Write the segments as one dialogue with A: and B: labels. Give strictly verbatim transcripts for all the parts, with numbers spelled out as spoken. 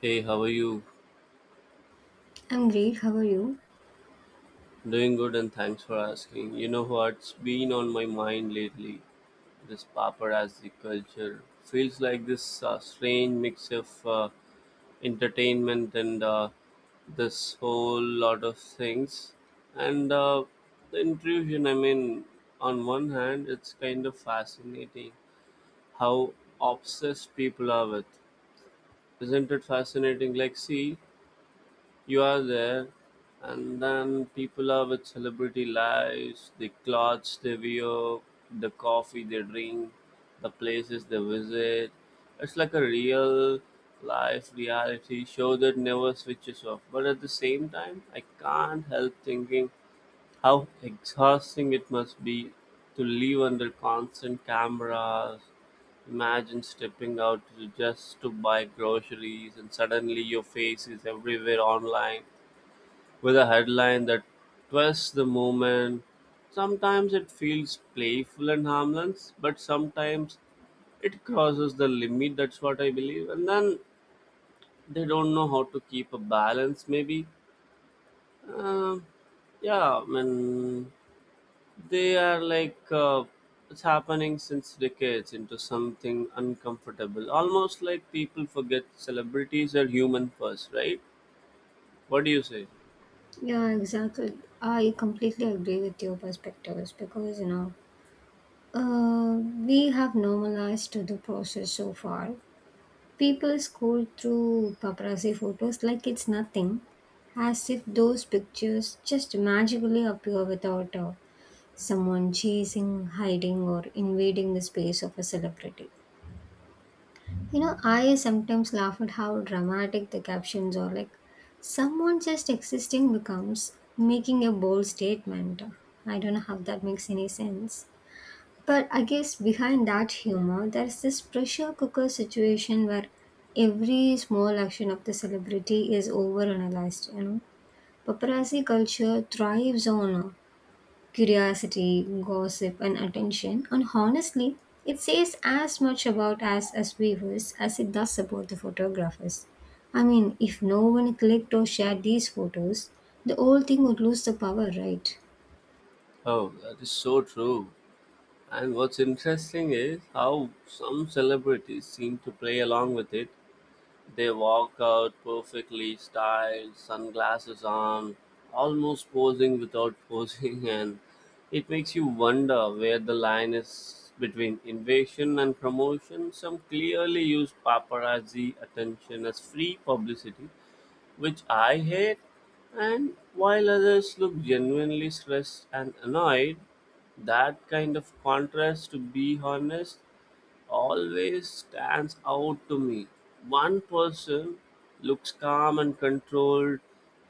A: Hey, how are you?
B: I'm great. How are you?
A: Doing good and thanks for asking. You know what's been on my mind lately? This paparazzi culture feels like this uh, strange mix of uh, entertainment and uh, this whole lot of things. And uh, the intrusion, I mean, on one hand, it's kind of fascinating how obsessed people are with. Isn't it fascinating? Like, see, you are there, and then people are with celebrity lives, the clothes they wear, the coffee they drink, the places they visit. It's like a real life reality show that never switches off. But at the same time, I can't help thinking how exhausting it must be to live under constant cameras. Imagine stepping out to just to buy groceries, and suddenly your face is everywhere online with a headline that twists the moment. Sometimes it feels playful and harmless, but sometimes it crosses the limit. That's what I believe. And then they don't know how to keep a balance maybe. Um yeah, I mean they are like uh, it's happening since decades into something uncomfortable. Almost like people forget celebrities are human first, right? What do you say?
B: Yeah, exactly. I completely agree with your perspectives because you know, uh, we have normalized to the process so far. People scroll through paparazzi photos like it's nothing, as if those pictures just magically appear without uh, someone chasing, hiding, or invading the space of a celebrity. You know, I sometimes laugh at how dramatic the captions are. Like, someone just existing becomes making a bold statement. I don't know how that makes any sense. But I guess behind that humor, there's this pressure cooker situation where every small action of the celebrity is overanalyzed, you know. Paparazzi culture thrives on curiosity, gossip, and attention, and honestly, it says as much about us as viewers as it does about the photographers. I mean, if no one clicked or shared these photos, the whole thing would lose the power, right?
A: Oh, that is so true. And what's interesting is how some celebrities seem to play along with it. They walk out, perfectly styled, sunglasses on, almost posing without posing, and it makes you wonder where the line is between invasion and promotion. Some clearly use paparazzi attention as free publicity, which I hate, and while others look genuinely stressed and annoyed, that kind of contrast, to be honest, always stands out to me. One person looks calm and controlled,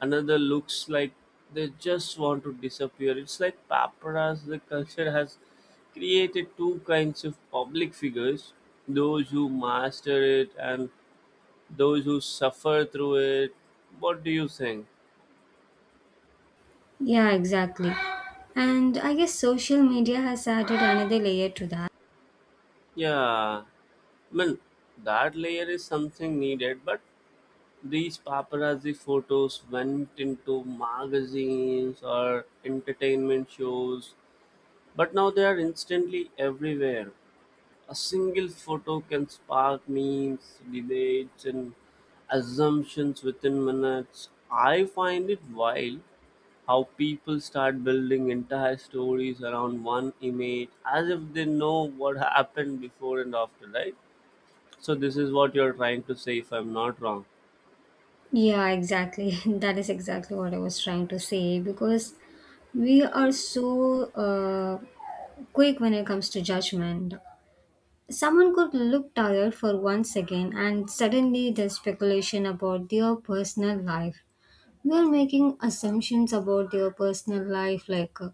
A: another looks like they just want to disappear. It's like paparazzi, the culture has created two kinds of public figures: those who master it and those who suffer through it. What do you think?
B: Yeah, exactly. And I guess social media has added another layer to that.
A: Yeah, I mean, that layer is something needed, but these paparazzi photos went into magazines or entertainment shows. But now they are instantly everywhere. A single photo can spark memes, debates, and assumptions within minutes. I find it wild how people start building entire stories around one image as if they know what happened before and after, right? So, this is what you're trying to say, if I'm not wrong.
B: Yeah, exactly. That is exactly what I was trying to say because we are so uh, quick when it comes to judgment. Someone could look tired for one second and suddenly there's speculation about their personal life. We are making assumptions about their personal life, like uh,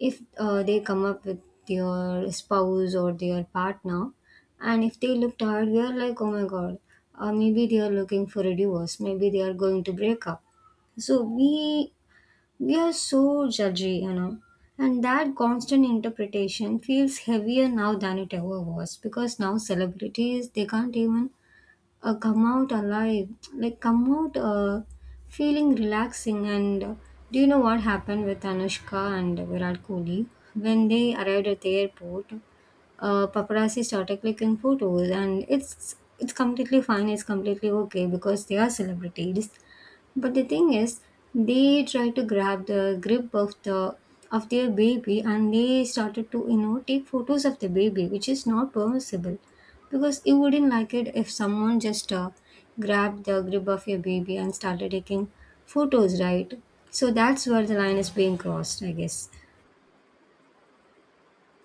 B: if uh, they come up with their spouse or their partner, and if they look tired, we are like, oh my god, uh, maybe they are looking for a divorce, maybe they are going to break up. So we we are so judgy, you know, and that constant interpretation feels heavier now than it ever was because now celebrities they can't even uh, come out alive, like come out uh, feeling relaxing. And uh, Do you know what happened with Anushka and Virat Kohli when they arrived at the airport? Uh, paparazzi started clicking photos, and it's it's completely fine, it's completely okay because they are celebrities, but the thing is, they tried to grab the grip of the of their baby, and they started to, you know, take photos of the baby, which is not permissible because you wouldn't like it if someone just uh, grabbed the grip of your baby and started taking photos, right? So that's where the line is being crossed, I guess.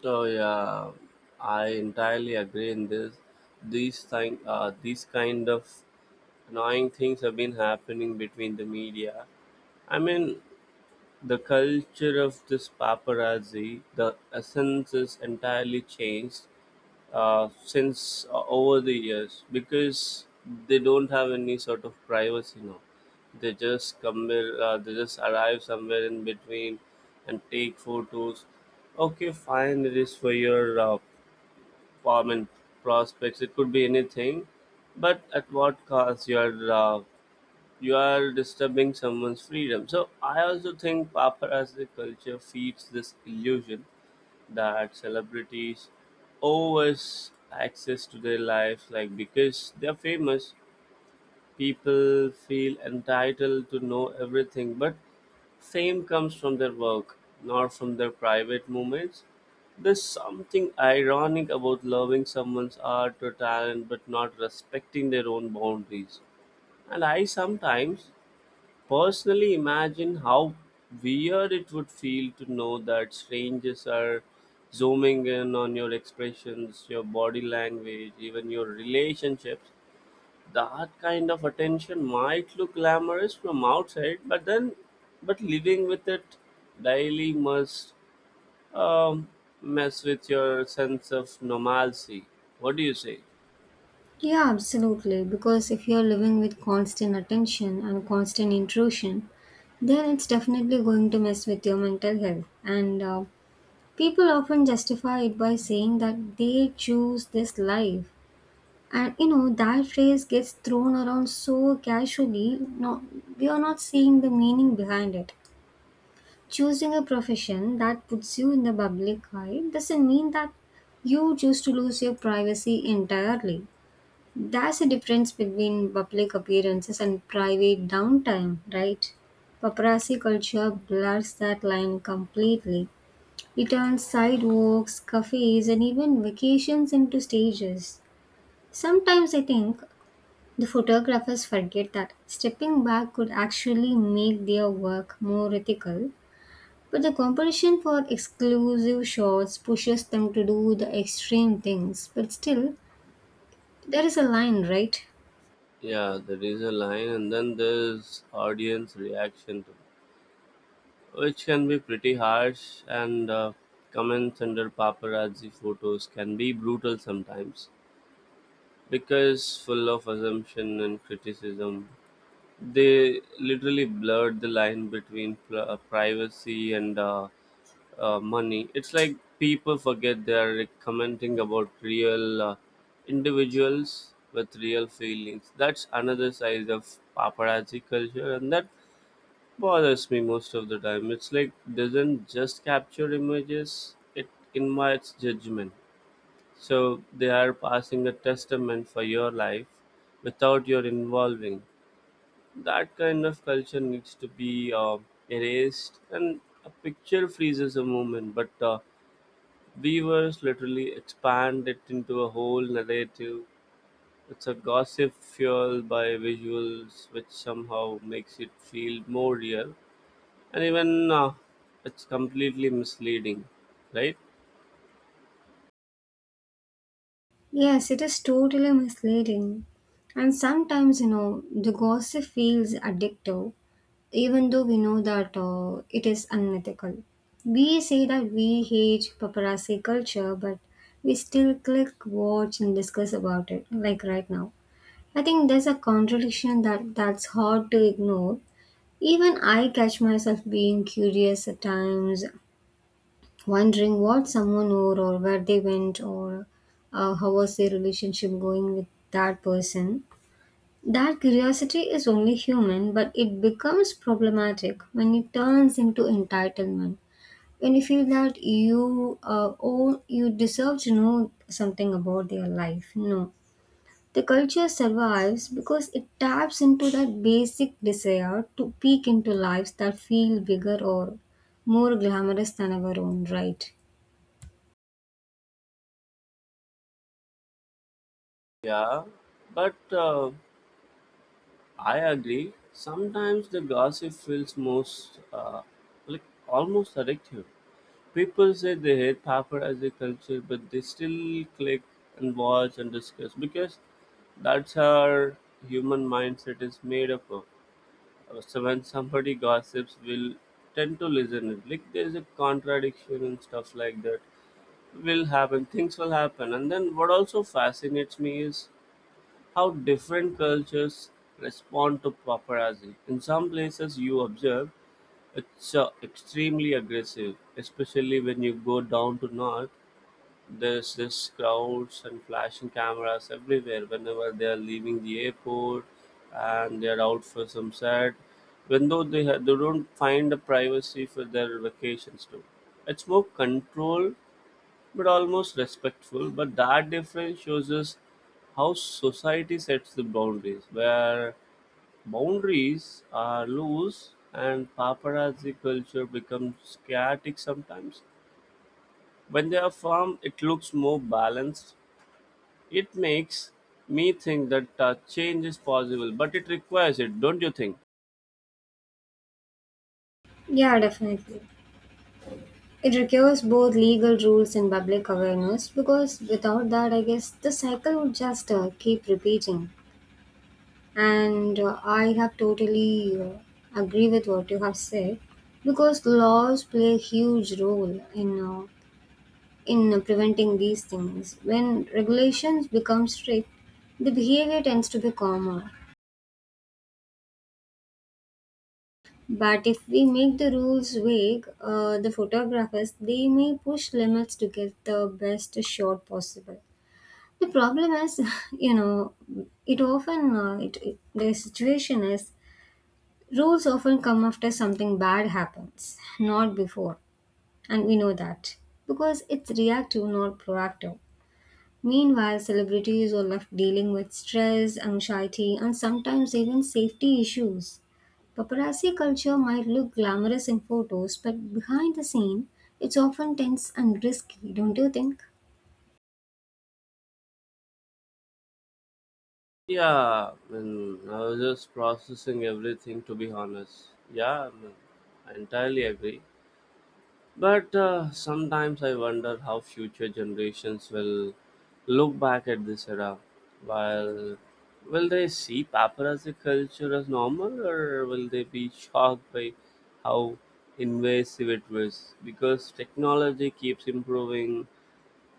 A: Oh yeah, I entirely agree in this. These thing, uh, these kind of annoying things have been happening between the media. I mean, the culture of this paparazzi, the essence is entirely changed uh, since uh, over the years because they don't have any sort of privacy now. They just come where, uh, they just arrive somewhere in between and take photos. Okay, fine, it is for your uh, I mean, prospects. It could be anything, but at what cost? Your uh, you are disturbing someone's freedom. So I also think paparazzi culture feeds this illusion that celebrities owe us access to their lives, like because they're famous, people feel entitled to know everything, but fame comes from their work, not from their private moments. There's something ironic about loving someone's art or talent but not respecting their own boundaries. And I sometimes Personally, imagine how weird it would feel to know that strangers are zooming in on your expressions, your body language, even your relationships. That kind of attention might look glamorous from outside, but then, but living with it daily must um, mess with your sense of normalcy. What do you say?
B: Yeah, absolutely. Because if you're living with constant attention and constant intrusion, then it's definitely going to mess with your mental health. And uh, People often justify it by saying that they choose this life. And you know, that phrase gets thrown around so casually. No, we are not seeing the meaning behind it. Choosing a profession that puts you in the public eye doesn't mean that you choose to lose your privacy entirely. There's a difference between public appearances and private downtime, right? Paparazzi culture blurs that line completely. It turns sidewalks, cafes, and even vacations into stages. Sometimes I think the photographers forget that stepping back could actually make their work more ethical, but the competition for exclusive shots pushes them to do the extreme things. But still, there is a line, right?
A: Yeah, there is a line, and then there's audience reaction to which can be pretty harsh, and uh, comments under paparazzi photos can be brutal sometimes because full of assumption and criticism. They literally blurred the line between pl- uh, privacy and uh, uh, money. It's like people forget they are commenting about real uh, individuals with real feelings. That's another side of paparazzi culture, and that bothers me most of the time. It's like doesn't just capture images, it invites judgment. So they are passing a testament for your life without your involving. That kind of culture needs to be uh, erased, and a picture freezes a moment, but uh, viewers literally expand it into a whole narrative. It's a gossip fueled by visuals, which somehow makes it feel more real, and even uh, it's completely misleading, right?
B: Yes, it is totally misleading. And sometimes, you know, the gossip feels addictive, even though we know that uh, it is unethical. We say that we hate paparazzi culture, but we still click, watch, and discuss about it, like right now. I think there's a contradiction that that's hard to ignore. Even I catch myself being curious at times, wondering what someone wore or where they went, or uh, how was their relationship going with that person. That curiosity is only human, but it becomes problematic when it turns into entitlement. When you feel that you uh, own, you deserve to know something about their life. No, the culture survives because it taps into that basic desire to peek into lives that feel bigger or more glamorous than our own, right?
A: Yeah, but uh, I agree. Sometimes the gossip feels most uh, like almost addictive. People say they hate paper as a culture, but they still click and watch and discuss because that's how human mindset is made up of. Uh, so when somebody gossips, we'll tend to listen it. Like, there's a contradiction and stuff like that will happen. Things will happen. And then what also fascinates me is how different cultures respond to paparazzi. In some places, you observe it's uh, extremely aggressive, especially when you go down to north. There's this crowds and flashing cameras everywhere whenever they are leaving the airport and they're out for some set, even though they, ha- they don't find the privacy for their vacations too. It's more control but almost respectful. But that difference shows us how society sets the boundaries, where boundaries are loose and paparazzi culture becomes chaotic sometimes. When they are firm, it looks more balanced. It makes me think that uh, change is possible, but it requires it, don't you think?
B: Yeah, definitely. It requires both legal rules and public awareness, because without that, I guess the cycle would just uh, keep repeating. And uh, I have totally uh, agree with what you have said because laws play a huge role in uh, in preventing these things. When regulations become strict, the behavior tends to be calmer. But if we make the rules vague, uh, the photographers they may push limits to get the best shot possible. The problem is, you know, it often uh, it, it- the situation is rules often come after something bad happens, not before, and we know that because it's reactive, not proactive. Meanwhile, celebrities are left dealing with stress, anxiety, and sometimes even safety issues. Paparazzi culture might look glamorous in photos, but behind the scene, it's often tense and risky, don't you think?
A: Yeah, I mean, I was just processing everything to be honest. Yeah, I mean, I entirely agree. But uh, sometimes I wonder how future generations will look back at this era. While, will they see paper as a culture as normal, or will they be shocked by how invasive it was? Because technology keeps improving,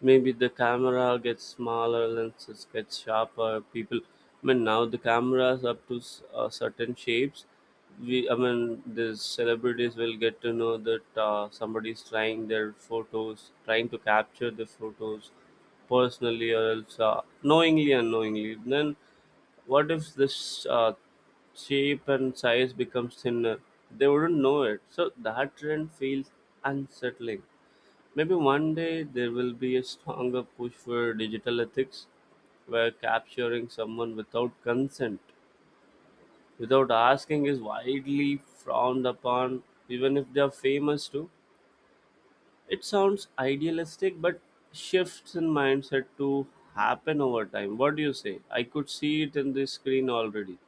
A: maybe the camera gets smaller, lenses get sharper. People, I mean, now the cameras up to s- uh, certain shapes. We, I mean, the celebrities will get to know that uh, somebody's trying their photos, trying to capture the photos personally or else uh, knowingly, unknowingly. Then, what if this uh, shape and size becomes thinner? They wouldn't know it. So that trend feels unsettling. Maybe one day there will be a stronger push for digital ethics where capturing someone without consent, without asking, is widely frowned upon, even if they are famous too. It sounds idealistic, but shifts in mindset to happen over time. What do you say? I could see it in the screen already.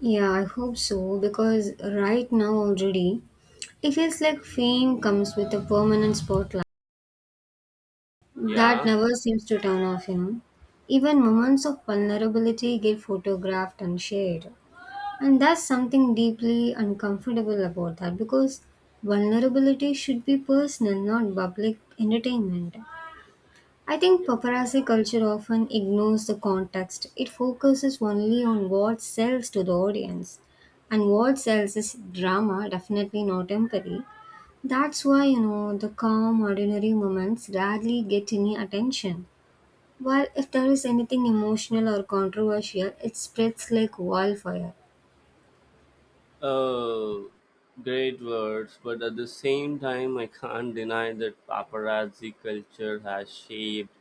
B: Yeah, I hope so, because right now already it feels like fame comes with a permanent spotlight that
A: Yeah.
B: never seems to turn off, you know. Even moments of vulnerability get photographed and shared. And that's something deeply uncomfortable about that, because vulnerability should be personal, not public entertainment. I think paparazzi culture often ignores the context. It focuses only on what sells to the audience. And what sells is drama, definitely not empathy. That's why, you know, the calm, ordinary moments rarely get any attention, while if there is anything emotional or controversial, it spreads like wildfire.
A: Uh, Great words, but at the same time, I can't deny that paparazzi culture has shaped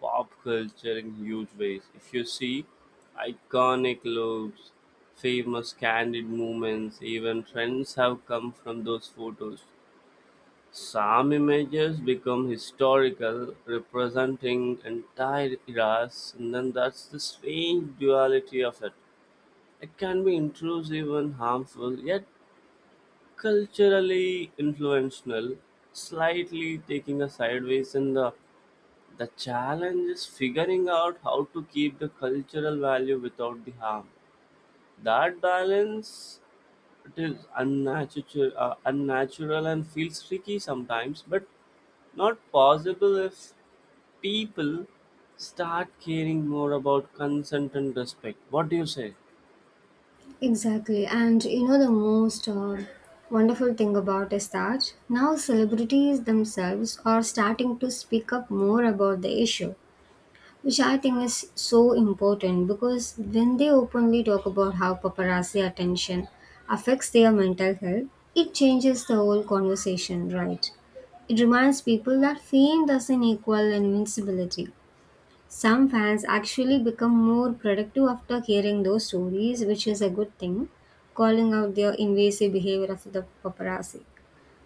A: pop culture in huge ways. If you see iconic looks, famous candid moments, even trends have come from those photos. Some images become historical, representing entire eras, and then that's the strange duality of it. It can be intrusive and harmful, yet culturally influential, slightly taking a sideways in the the challenge is figuring out how to keep the cultural value without the harm. That balance, it is unnatural, uh, unnatural and feels tricky sometimes, but not possible if people start caring more about consent and respect. What do you say?
B: Exactly, and you know the most uh, wonderful thing about is that now celebrities themselves are starting to speak up more about the issue, which I think is so important because when they openly talk about how paparazzi attention affects their mental health, it changes the whole conversation, right? It reminds people that fame doesn't equal invincibility. Some fans actually become more productive after hearing those stories, which is a good thing, calling out their invasive behavior of the paparazzi.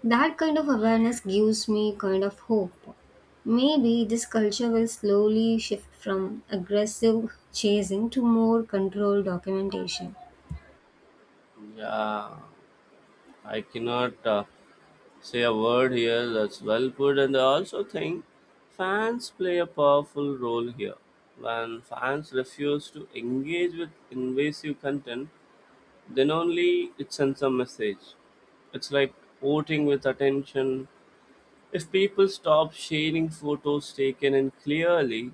B: That kind of awareness gives me kind of hope. Maybe this culture will slowly shift from aggressive chasing to more controlled documentation.
A: Yeah. I cannot uh, say a word here. That's well put, and I also think fans play a powerful role here. When fans refuse to engage with invasive content, then only it sends a message. It's like voting with attention. If people stop sharing photos taken in clearly,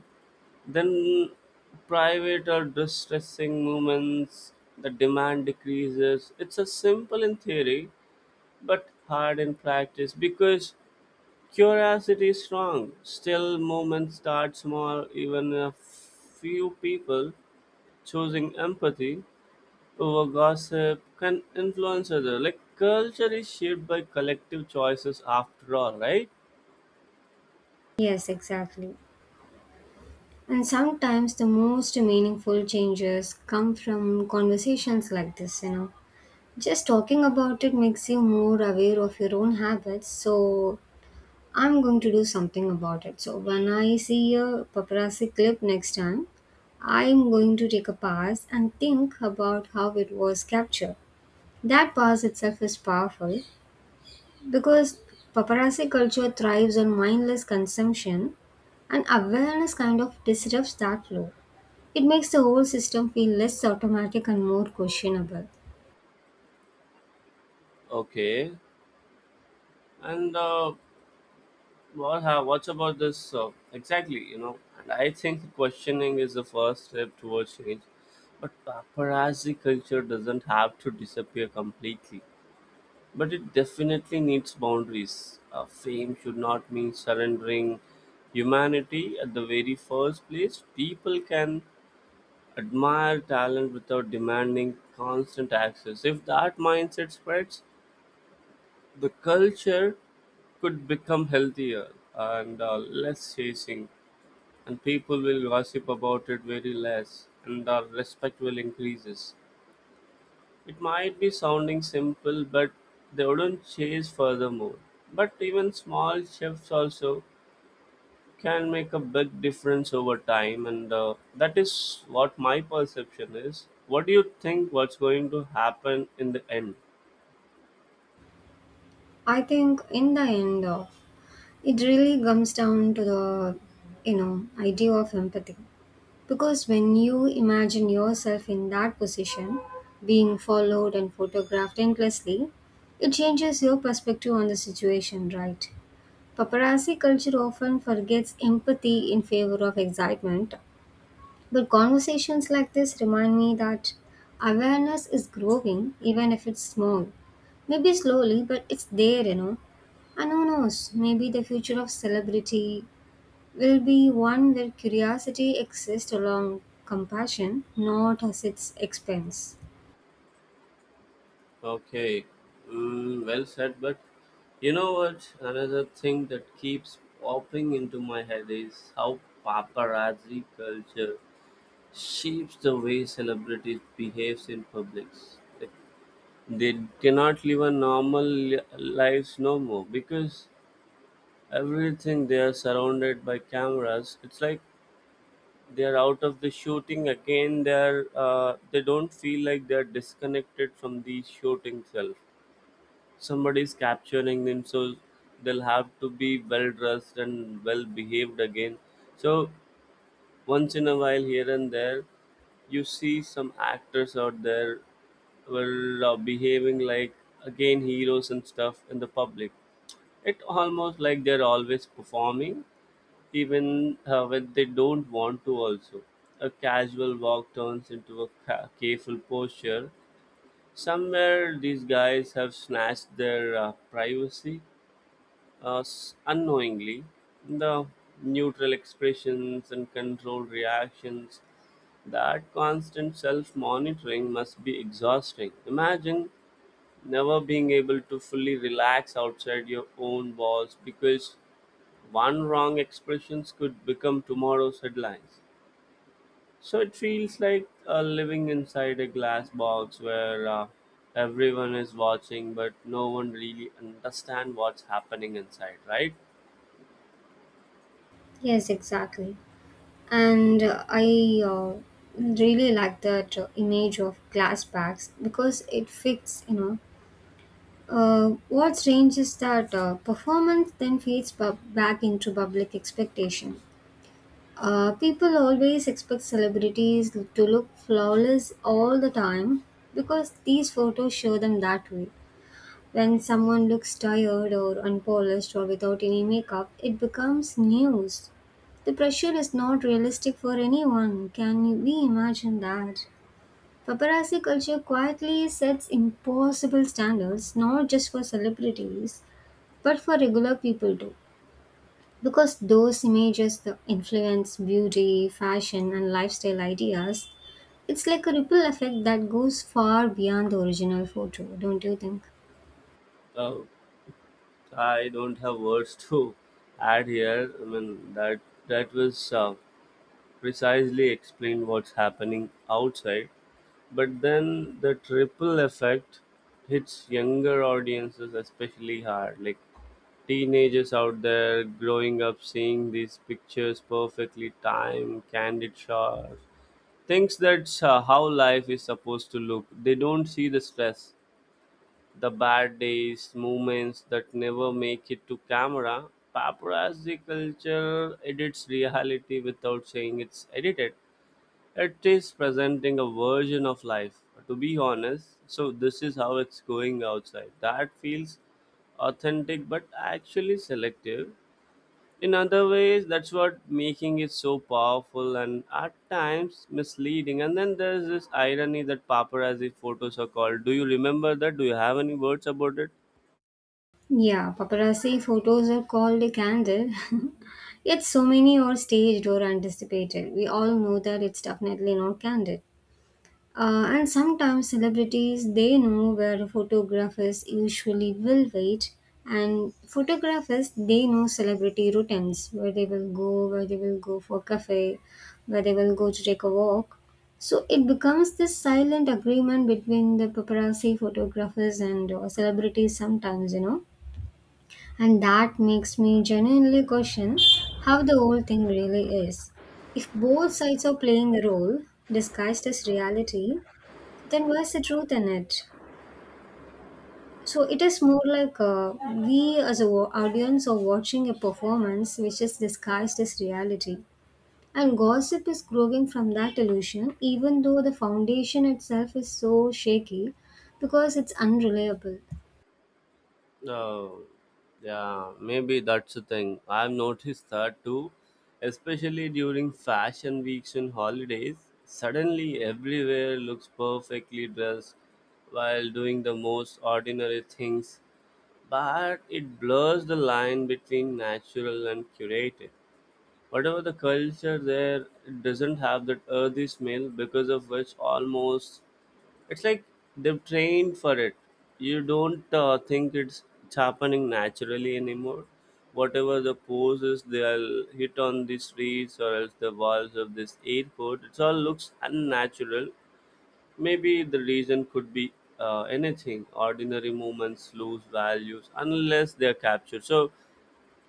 A: then private or distressing movements, the demand decreases. It's a simple in theory but hard in practice because curiosity is strong. Still, movements start small, even a few people choosing empathy over gossip can influence other. Like culture is shaped by collective choices after all, right?
B: Yes, exactly. And sometimes the most meaningful changes come from conversations like this, you know. Just talking about it makes you more aware of your own habits, so I'm going to do something about it. So when I see a paparazzi clip next time, I'm going to take a pass and think about how it was captured. That pass itself is powerful because paparazzi culture thrives on mindless consumption, and awareness kind of disrupts that flow. It makes the whole system feel less automatic and more questionable.
A: Okay, and uh, what have, what's about this uh, exactly? You know, and I think questioning is the first step towards change. But paparazzi culture doesn't have to disappear completely. But it definitely needs boundaries. Uh, fame should not mean surrendering humanity at the very first place. People can admire talent without demanding constant access. If that mindset spreads, the culture could become healthier and uh, less chasing, and people will gossip about it very less, and our respect will increases. It might be sounding simple, but they wouldn't chase furthermore. But even small shifts also can make a big difference over time, and uh, that is what my perception is. What do you think? What's going to happen in the end?
B: I think in the end, uh, it really comes down to the, you know, idea of empathy. Because when you imagine yourself in that position, being followed and photographed endlessly, it changes your perspective on the situation, right? Paparazzi culture often forgets empathy in favor of excitement, but conversations like this remind me that awareness is growing, even if it's small. Maybe slowly, but it's there, you know. And who knows, maybe the future of celebrity will be one where curiosity exists along compassion, not at its expense.
A: Okay, mm, well said. But you know what? Another thing that keeps popping into my head is how paparazzi culture shapes the way celebrities behaves in public. Like, they cannot live a normal li- lives no more because everything they are surrounded by cameras. It's like they are out of the shooting again. They are uh, they don't feel like they are disconnected from the shooting self. Somebody is capturing them, so they'll have to be well dressed and well behaved again. So once in a while, here and there, you see some actors out there were uh, behaving like again heroes and stuff in the public. It almost like they're always performing, even uh, when they don't want to. Also, a casual walk turns into a ca- careful posture. Somewhere, these guys have snatched their uh, privacy uh, s- unknowingly, the neutral expressions and controlled reactions. That constant self-monitoring must be exhausting. Imagine never being able to fully relax outside your own walls, because one wrong expressions could become tomorrow's headlines. So it feels like uh, living inside a glass box where uh, everyone is watching but no one really understand what's happening inside, right?
B: Yes, exactly. And uh, I uh, really like that uh, image of glass bags because it fits, you know. Uh, what's strange is that uh, performance then feeds bu- back into public expectation. Uh, people always expect celebrities to look flawless all the time because these photos show them that way. When someone looks tired or unpolished or without any makeup, it becomes news. The pressure is not realistic for anyone. Can you- we imagine that? Paparazzi culture quietly sets impossible standards, not just for celebrities, but for regular people too, because those images that influence beauty, fashion, and lifestyle ideas, it's like a ripple effect that goes far beyond the original photo, don't you think?
A: Oh, I don't have words to add here. I mean that that was uh, precisely explained what's happening outside. But then the triple effect hits younger audiences especially hard. Like teenagers out there growing up seeing these pictures, perfectly timed, candid shots, thinks that's uh, how life is supposed to look. They don't see the stress. The bad days, moments that never make it to camera. Paparazzi culture edits reality without saying it's edited. It is presenting a version of life, to be honest. So, this is how it's going outside. That feels authentic but actually selective. In other ways, that's what making it so powerful and at times misleading. And then there's this irony that paparazzi photos are called. Do you remember that? Do you have any words about it?
B: Yeah, paparazzi photos are called a candle yet so many are staged or anticipated. We all know that it's definitely not candid. Uh, and sometimes celebrities they know where photographers usually will wait, and photographers they know celebrity routines, where they will go, where they will go for cafe, where they will go to take a walk. So it becomes this silent agreement between the paparazzi photographers and uh, celebrities sometimes, you know, and that makes me genuinely question how the whole thing really is. If both sides are playing a role disguised as reality, then where's the truth in it? So it is more like uh, we as a wa- audience are watching a performance which is disguised as reality. And gossip is growing from that illusion, even though the foundation itself is so shaky because it's unreliable.
A: No, yeah, maybe that's the thing. I've noticed that too, especially during fashion weeks and holidays. Suddenly, everywhere looks perfectly dressed while doing the most ordinary things, but it blurs the line between natural and curated. Whatever the culture there, it doesn't have that earthy smell, because of which almost it's like they've trained for it. You don't uh, think it's, it's happening naturally anymore. Whatever the poses they'll hit on the streets or else the walls of this airport, it all looks unnatural. Maybe the reason could be uh, anything. Ordinary movements lose values unless they're captured. So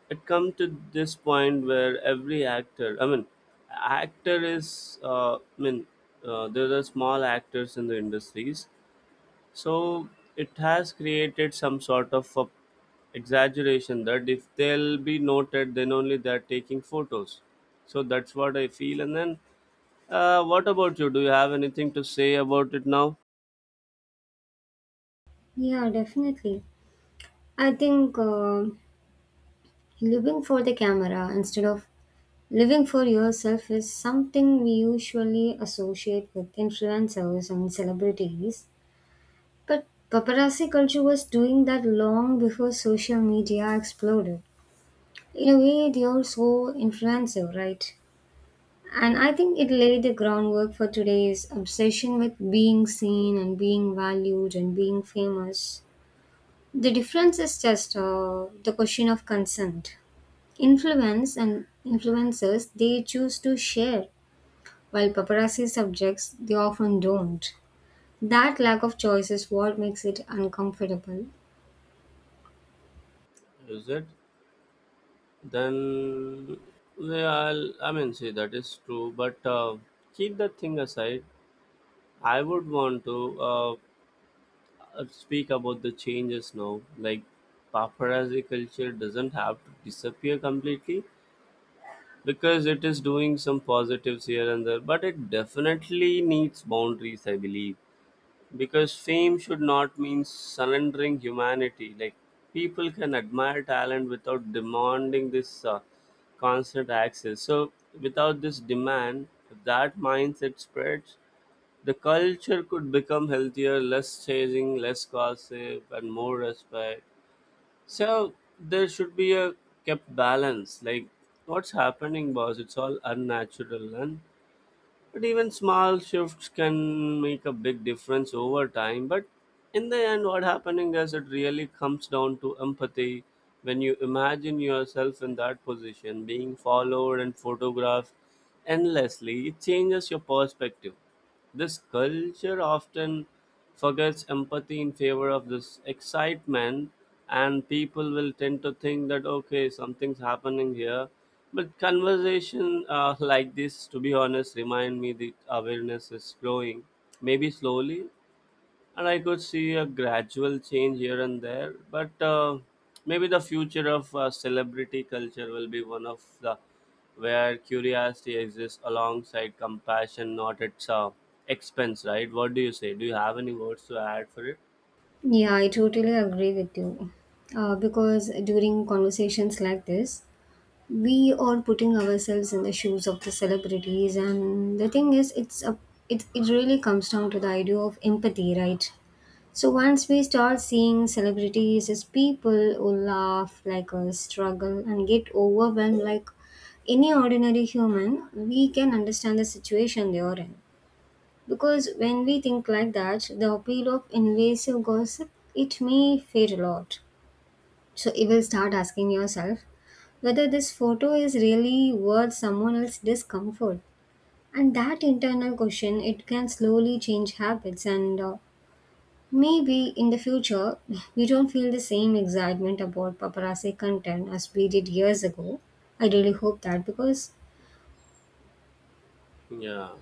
A: it come to this point where every actor, i mean actor is uh, i mean uh, there are small actors in the industries, so it has created some sort of a exaggeration that if they'll be noted then only they're taking photos. So that's what I feel. And then uh, what about you? Do you have anything to say about it now?
B: Yeah, definitely. I think uh, living for the camera instead of living for yourself is something we usually associate with influencers and celebrities. But paparazzi culture was doing that long before social media exploded. In a way, they are so influential, right? And
A: Yeah,
B: I think it laid the groundwork for today's obsession with being seen and being valued and being famous. The difference is just uh, the question of consent. Influence and influencers, they choose to share, while paparazzi subjects, they often don't. That lack of choice is what makes it uncomfortable.
A: is it? Then, well, i I mean, see, that is true, but uh, keep that thing aside. I would want to uh, uh, speak about the changes now. Like, paparazzi culture doesn't have to disappear completely because it is doing some positives here and there, but it definitely needs boundaries, I believe. Because fame should not mean surrendering humanity. Like, people can admire talent without demanding this uh, constant access. So, without this demand, if that mindset spreads, the culture could become healthier, less chasing, less gossip, and more respect. So there should be a kept balance. Like, what's happening, boss? It's all unnatural, and but even small shifts can make a big difference over time. But in the end, what happening is it really comes down to empathy. When you imagine yourself in that position, being followed and photographed endlessly, it changes your perspective. This culture often forgets empathy in favor of this excitement, and people will tend to think that okay, something's happening here. But conversation uh, like this, to be honest, remind me the awareness is growing, maybe slowly, and I could see a gradual change here and there. But uh, maybe the future of uh, celebrity culture will be one of the where curiosity exists alongside compassion, not its uh, expense, right? What do you say? Do you have any words to add for it?
B: Yeah, I totally agree with you. Uh, because during conversations like this, we are putting ourselves in the shoes of the celebrities, and the thing is, it's a it, it really comes down to the idea of empathy, right? So once we start seeing celebrities as people who laugh like us, struggle, and get overwhelmed like any ordinary human, we can understand the situation they are in. Because when we think like that, the appeal of invasive gossip, it may fade a lot. So you will start asking yourself whether this photo is really worth someone else's discomfort. And that internal question, it can slowly change habits, and uh, maybe in the future we don't feel the same excitement about paparazzi content as we did years ago. I really hope that, because
A: Yeah,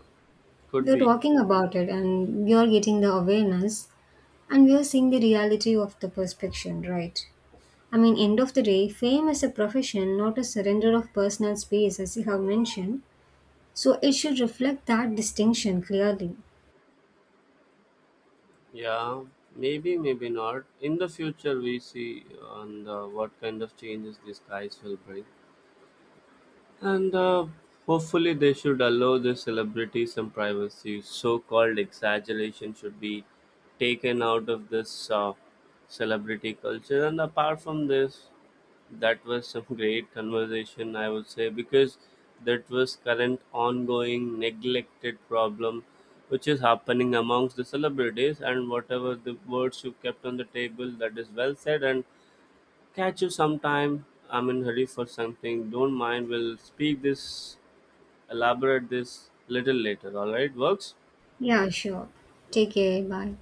B: we
A: could
B: are
A: be.
B: talking about it and we are getting the awareness. And we are seeing the reality of the perception, right? I mean, end of the day, fame is a profession, not a surrender of personal space, as you have mentioned. So it should reflect that distinction clearly.
A: Yeah, maybe, maybe not. In the future, we see on the, what kind of changes these guys will bring. And uh, hopefully, they should allow the celebrities some privacy. So called exaggeration should be taken out of this uh, celebrity culture. And apart from this, that was some great conversation, I would say, because that was current ongoing neglected problem which is happening amongst the celebrities, and whatever the words you kept on the table, that is well said. And catch you sometime. I'm in hurry for something. Don't mind. We'll speak this, elaborate this little later. All right, works.
B: Yeah, sure. Take care. Bye.